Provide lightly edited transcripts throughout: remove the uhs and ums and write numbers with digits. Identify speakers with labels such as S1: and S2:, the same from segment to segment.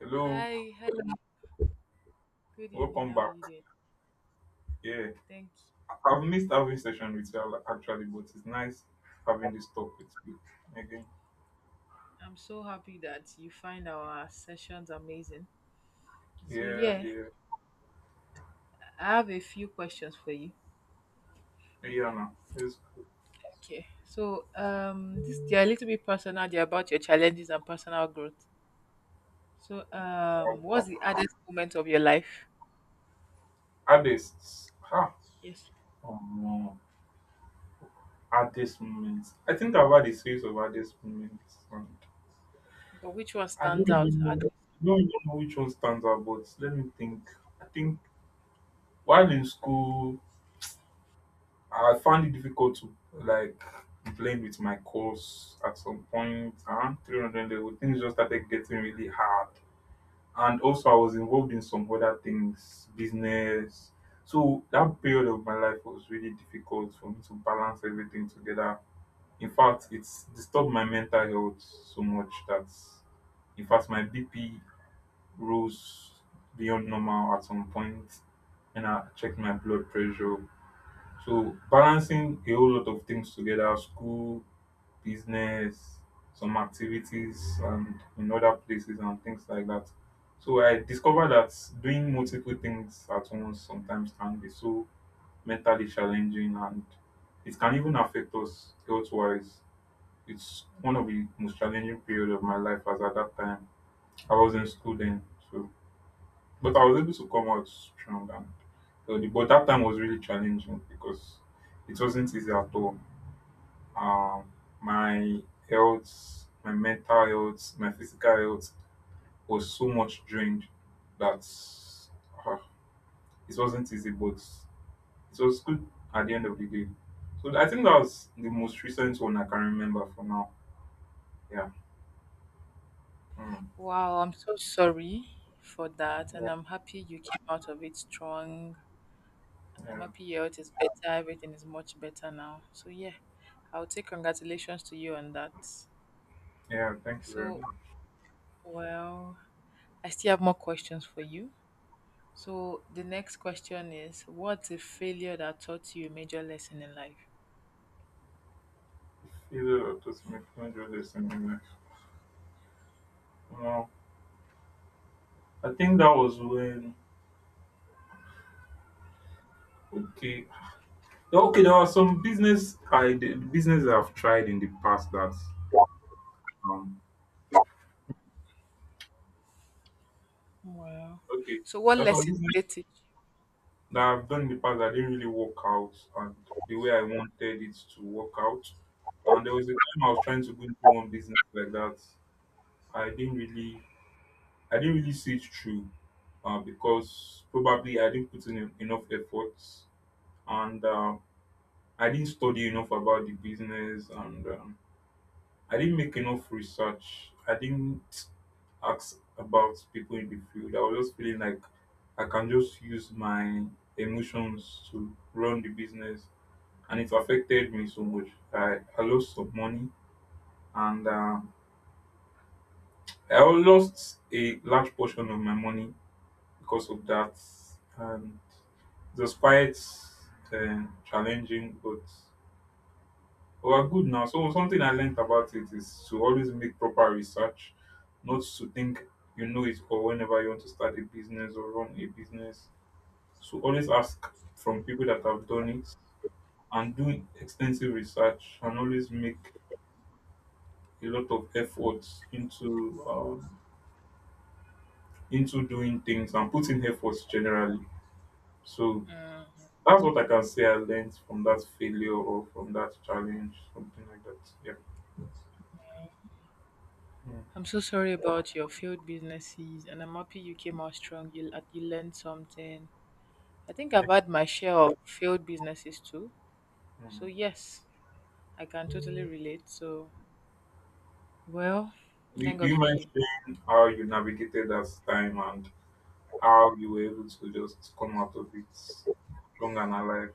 S1: Hello,
S2: Hi, hi. Good evening.
S1: welcome
S2: How are you
S1: back.
S2: doing?
S1: Yeah,
S2: Thank you.
S1: I've missed having session with you actually, but it's nice having this talk with you again.
S2: I'm so happy that you find our sessions amazing. So
S1: Yeah,
S2: yeah,
S1: yeah,
S2: I have a few questions for you.
S1: yeah. Now, it's
S2: Okay. So this they're a little bit personal, they're about your challenges and personal growth. So what's the hardest moment of your life?
S1: hardest. Ha.
S2: Yes.
S1: Oh no, hardest moments. I think I've had a series of hardest moments, and
S2: But which one
S1: I don't
S2: stands out?
S1: even know, I don't even know which one stands out. But let me think. I think while in school, I found it difficult to like blend with my course at some point around 300 level. Things just started getting really hard. And also, I was involved in some other things, business. So, that period of my life was really difficult for me to balance everything together. In fact, it's disturbed my mental health so much that, in fact, my BP rose beyond normal at some point, and I checked my blood pressure. So balancing a whole lot of things together, school, business, some activities and in other places and things like that. So I discovered that doing multiple things at once sometimes can be so mentally challenging and it can even affect us health wise. It's one of the most challenging period of my life as at that time. I was in school then, so but I was able to come out strong and healthy. But that time was really challenging because it wasn't easy at all um, my health, my mental health, my physical health was so much drained that uh, it wasn't easy, but it was good at the end of the day. So I think that was the most recent one I can remember for now. Yeah. Mm.
S2: Wow, I'm so sorry for that, and
S1: Yeah.
S2: I'm happy you came out of it strong. I'm
S1: Yeah.
S2: happy your health is better. Everything is much better now. So yeah, I'll take congratulations to you on that.
S1: Yeah. Thank you very
S2: So
S1: much.
S2: well, I still have more questions for you. So the next question is, what's a failure that taught you a major lesson in life?
S1: Either of those make me do this in my life. Well, I think that was when. Okay. Yeah, Okay. There are some business I've tried in the past that um
S2: Well,
S1: Okay.
S2: so what
S1: There are some
S2: lesson
S1: business
S2: did it teach you?
S1: that I've done in the past that didn't really work out and the way I wanted it to work out. And there was a time I was trying to go into one business like that. I didn't really I didn't really see it through because probably I didn't put in enough efforts and I didn't study enough about the business and I didn't make enough research. I didn't ask about people in the field. I was just feeling like I can just use my emotions to run the business, and it affected me so much. I lost some money, and I lost a large portion of my money because of that. And it was quite challenging, but. But we're good now. So something I learned about it is to always make proper research, not to think you know it all whenever you want to start a business or run a business. So always ask from people that have done it and do extensive research and always make a lot of efforts into doing things and putting efforts generally. So
S2: Mm,
S1: that's what I can say I learned from that failure or from that challenge, something like that. Yeah. Mm.
S2: I'm so sorry about your failed businesses, and I'm happy you came out strong. You learned something. I think I've
S1: Thank-
S2: had my share of failed businesses too. So
S1: mm.
S2: yes, I can totally relate. So well,
S1: Do you
S2: thank
S1: do
S2: God
S1: you
S2: for
S1: mind
S2: you.
S1: sharing how you navigated that time and how you were able to just come out of it strong and alive?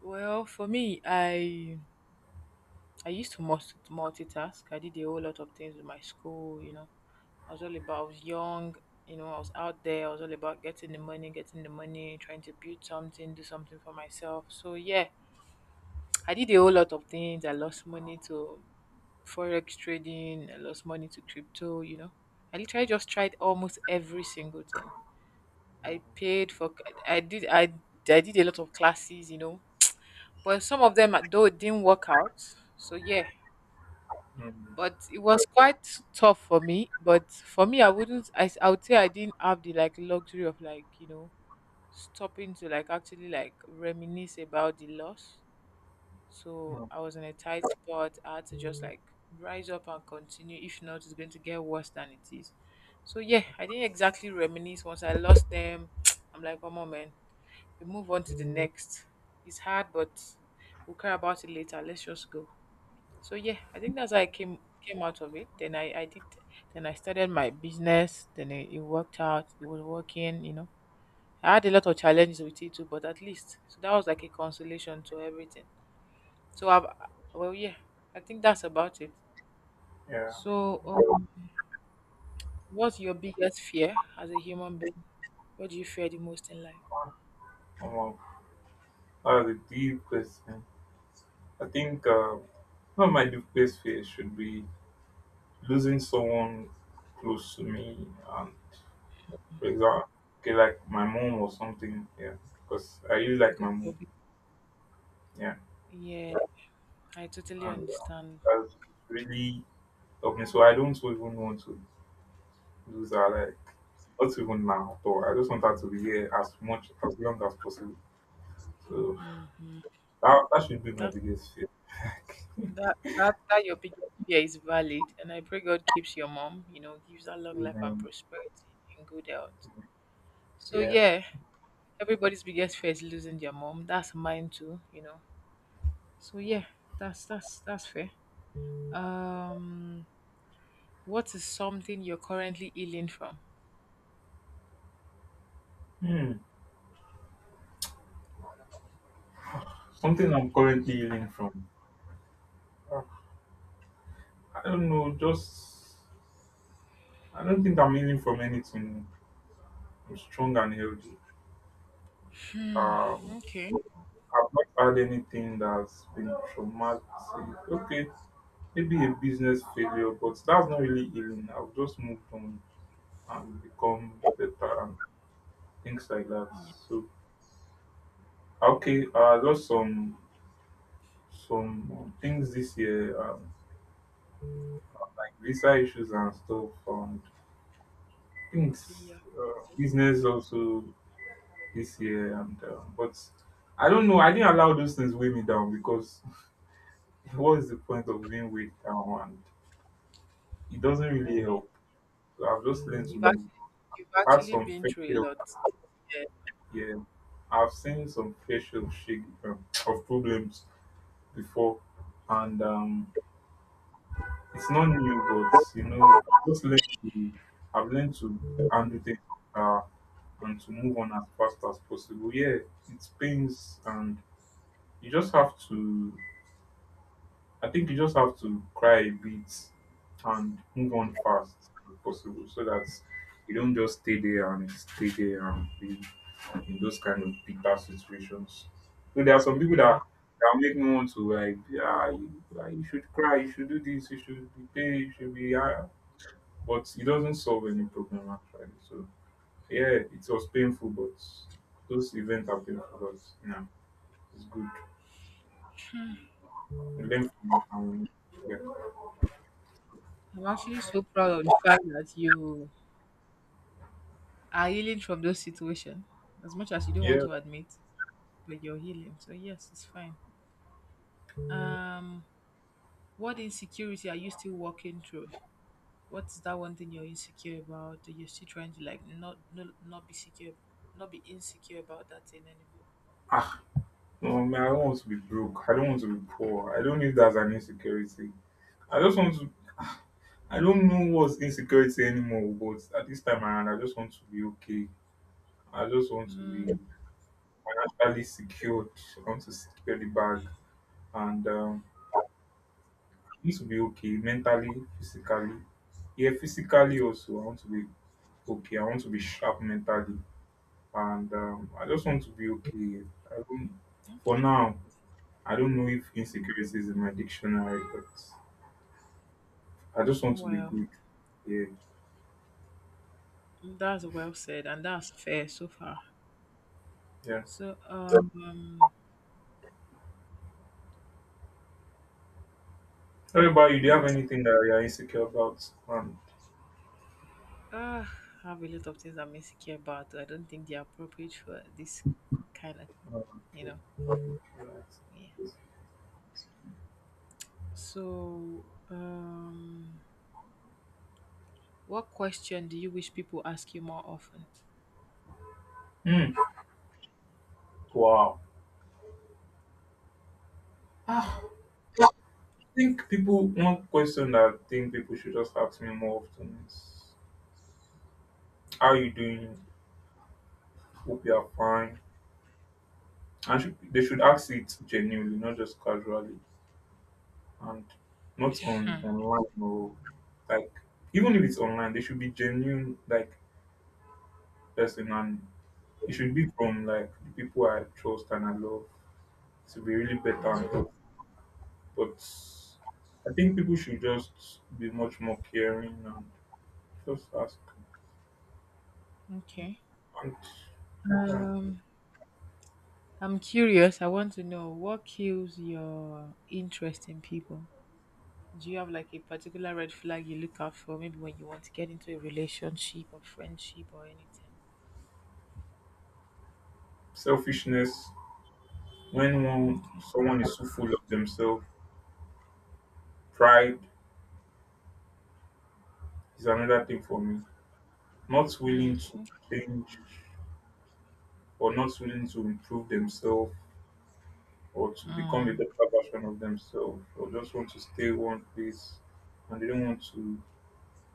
S2: Well, for me, I used to multitask. I did a whole lot of things with my school, I was young, I was out there, I was all about getting the money, trying to build something, do something for myself. So yeah, I did a whole lot of things. I lost money to forex trading, I lost money to crypto. I literally just tried almost every single thing. I paid for I did I I did a lot of classes, but some of them, though, it didn't work out. So yeah,
S1: mm
S2: but it was quite tough for me. But for me, I wouldn't. I would say I didn't have the, like, luxury of, like, stopping to, like, actually, like, reminisce about the loss. So
S1: mm.
S2: I was in a tight spot. I had to just like rise up and continue. If not, it's going to get worse than it is. So yeah, I didn't exactly reminisce once I lost them. I'm like, come on, man, we move on to the next. It's hard, but we'll care about it later. Let's just go. So yeah, I think that's how I came out of it. Then I started my business. Then it worked out. It was working, I had a lot of challenges with it too, but at least so that was like a consolation to everything. So I've, well, yeah, I think that's about it.
S1: Yeah,
S2: So what's your biggest fear as a human being? What do you fear the most in life?
S1: um, that was a deep question. I think one of my deepest fears should be losing someone close to me. And for example, okay, like my mom or something. Yeah, because I really like
S2: God
S1: my mom.
S2: forbid.
S1: Yeah,
S2: Yeah, I totally
S1: and
S2: understand.
S1: that's really helped me. So I don't even want to lose her. Like not even now, though. I just want her to be here as much as long as possible. So that should be my
S2: that's
S1: biggest fear. Like,
S2: That that your biggest fear is valid, and I pray God keeps your mom. You know, gives her long life and prosperity and good health. So
S1: yeah.
S2: yeah, everybody's biggest fear is losing their mom. That's mine too. You know. So yeah, that's that's fair. Um, what is something you're currently healing from?
S1: Hmm. Something I'm currently healing from. Uh, I don't know. Just I don't think I'm healing from anything. I'm strong and healthy. Um,
S2: Okay.
S1: I've not had anything that's been traumatic. Okay, maybe a business failure, but that's not really healing. I've just moved on and become better and things like that.
S2: Yes.
S1: So Okay, I lost some things this year, like visa issues and stuff, and things
S2: Yeah.
S1: business also this year. And but I don't know. I didn't allow those things weigh me down because what is the point of being weighed down? And it doesn't
S2: Oh,
S1: really
S2: moment.
S1: help. So I've just learned to
S2: You've
S1: move.
S2: actually you've
S1: Had
S2: actually
S1: some
S2: been
S1: fair
S2: through a
S1: share of-
S2: lot. Yeah.
S1: yeah. I've seen some facial shake of problems before, and it's not new, but you know, I've just learned to, I've learned to handle things uh, and to move on as fast as possible. Yeah, it pains, and you just have to. I think you just have to cry a bit and move on fast as possible, so that you don't just stay there and be in those kind of bitter situations. So there are some people
S2: Yeah.
S1: that that make me want to like, yeah, you, ah, you should cry, you should do this, you should be paid, you should be. Ah." But it doesn't solve any problem actually. So yeah, it was painful, but those events are painful, but yeah, it's good.
S2: Hmm.
S1: We learn from it and yeah,
S2: I'm actually so proud of the fact that you are healing from those situation, as much as you don't want
S1: yeah,
S2: to admit, but you're healing, so yes, it's fine.
S1: yeah.
S2: um what insecurity are you still working through? What's that one thing you're insecure about that you're still trying to, like, not be insecure about that thing anymore?
S1: Ah, no, man, I don't want to be broke. I don't want to be poor. I don't know if that's an insecurity. I just want to. Ah, I don't know what's insecurity anymore. But at this time around, I just want to be okay. I just want to be financially secured. I want to secure the bag and. Need to be okay mentally, physically, yeah physically also I want to be okay. I want to be sharp mentally and I just want to be okay. I don't, for now I don't know if insecurity is in my dictionary but I just want to be
S2: Well,
S1: good. Yeah.
S2: that's well said and that's fair so far.
S1: Yeah.
S2: So
S1: What about you? Do you have
S2: mm,
S1: anything that you're insecure about?
S2: ah, I have a lot of things I'm insecure about. I don't think they're appropriate for this kind of,
S1: Oh,
S2: you
S1: okay,
S2: know.
S1: all right.
S2: Yeah. So, what question do you wish people ask you more often?
S1: Hmm. Wow. I think people one question that I think people should just ask me more often is how are you doing, hope you are fine. And should, they should ask it genuinely, not just casually, and not on
S2: Hmm.
S1: online or like even if it's online, they should be genuine like person, and it should be from like the people I trust and I love. It should be really better and helpful. But I think people should just be much more caring and just ask.
S2: Okay.
S1: And uh,
S2: Um, I'm curious. I want to know what kills your interest in people. Do you have like a particular red flag you look out for, maybe when you want to get into a relationship or friendship or anything?
S1: selfishness, when one
S2: Okay.
S1: someone is so full of themselves, pride is another thing for me. Not
S2: Hmm.
S1: willing to change or not willing to improve themselves or to become a
S2: Mm.
S1: better version of themselves or just want to stay one place and they don't want to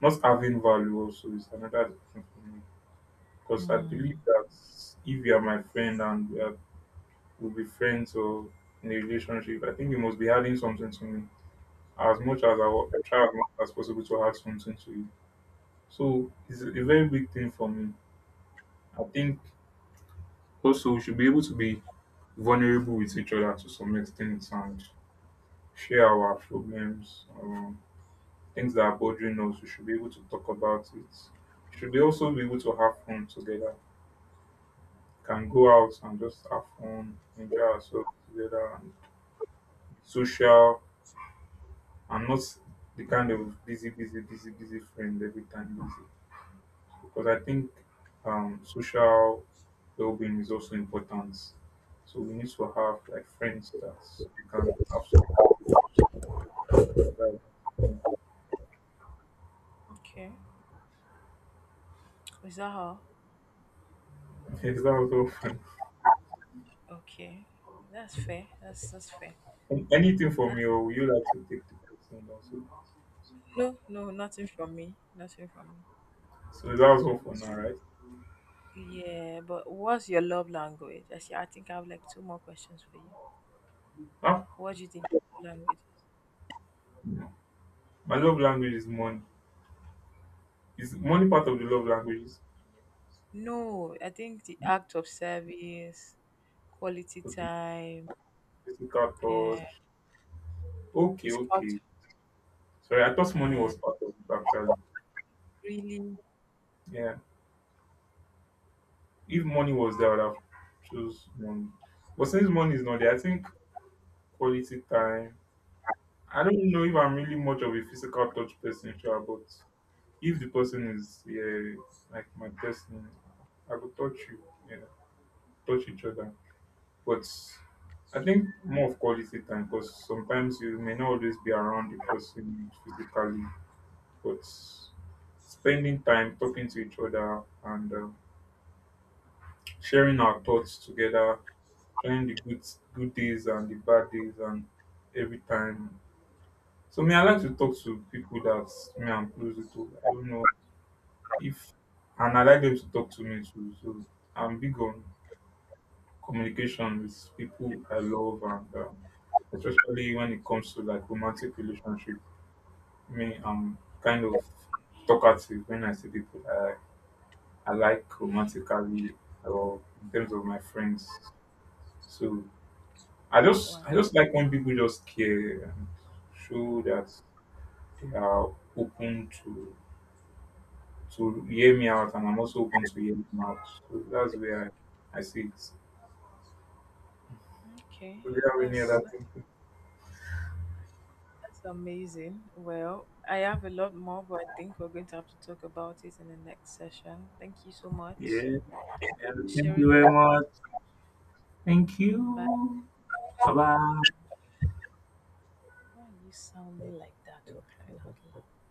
S1: not having value also is another thing for me. Because I believe
S2: Hmm.
S1: that if you are my friend and we are we'll be friends or in a relationship, I think you must be adding something to me. As much as I will try as much as possible to add something to you. So it's a very big thing for me. I think also we should be able to be vulnerable with each other to some extent and share our problems, things that are bothering us. We should be able to talk about it. We should be also be able to have fun together. Can go out and just have fun, enjoy ourselves together, and social, and not the kind of busy, busy, busy, busy friend every time busy. Because I think social well-being is also important. So we need to have like friends that you can have social.
S2: Okay. Is that all?
S1: Okay, so that was all for
S2: Okay. That's fair. That's fair.
S1: now. Anything from you, or would you like to take the question also?
S2: No, no, nothing from me. Nothing from me.
S1: So that was all for now, right?
S2: Yeah, but what's your love language? Actually, I think I have like two more questions for you.
S1: Ah,
S2: What do you think your love language is?
S1: no. My love language is money. Is money part of the love languages?
S2: No, I think the act of service, quality
S1: Okay,
S2: time,
S1: physical
S2: uh,
S1: touch. Okay,
S2: physical
S1: okay.
S2: t-
S1: Sorry, I thought money
S2: uh,
S1: was part of it actually.
S2: really.
S1: Yeah, if money was there, I would have chose money. But since money is not there, I think quality time. I don't know if I'm really much of a physical touch person, sure, but if the person is yeah, like my destiny, I could touch you, yeah, touch each other. But I think more of quality time because sometimes you may not always be around the person physically, but spending time talking to each other and sharing our thoughts together, sharing the good days and the bad days and every time. So me, I like to talk to people that me I'm close to. I don't know if and I like them to talk to me too. So I'm big on communication with people I love and especially when it comes to like romantic relationship. Me, I'm kind of talkative when I see people I like romantically or in terms of my friends. So I
S2: Wow.
S1: just like when people just care and show that they are open to hear me out and I'm also open to hear them out. So that's where I see it.
S2: Okay.
S1: Do we have any
S2: That's,
S1: other
S2: that's
S1: thing?
S2: that's amazing. Well, I have a lot more, but I think we're going to have to talk about it in the next session. Thank you so much
S1: Yeah.
S2: for
S1: Yeah. Thank you
S2: sharing your.
S1: very much. Thank
S2: Bye.
S1: you. Bye bye.
S2: Why are you sounding like that? Okay. Loud.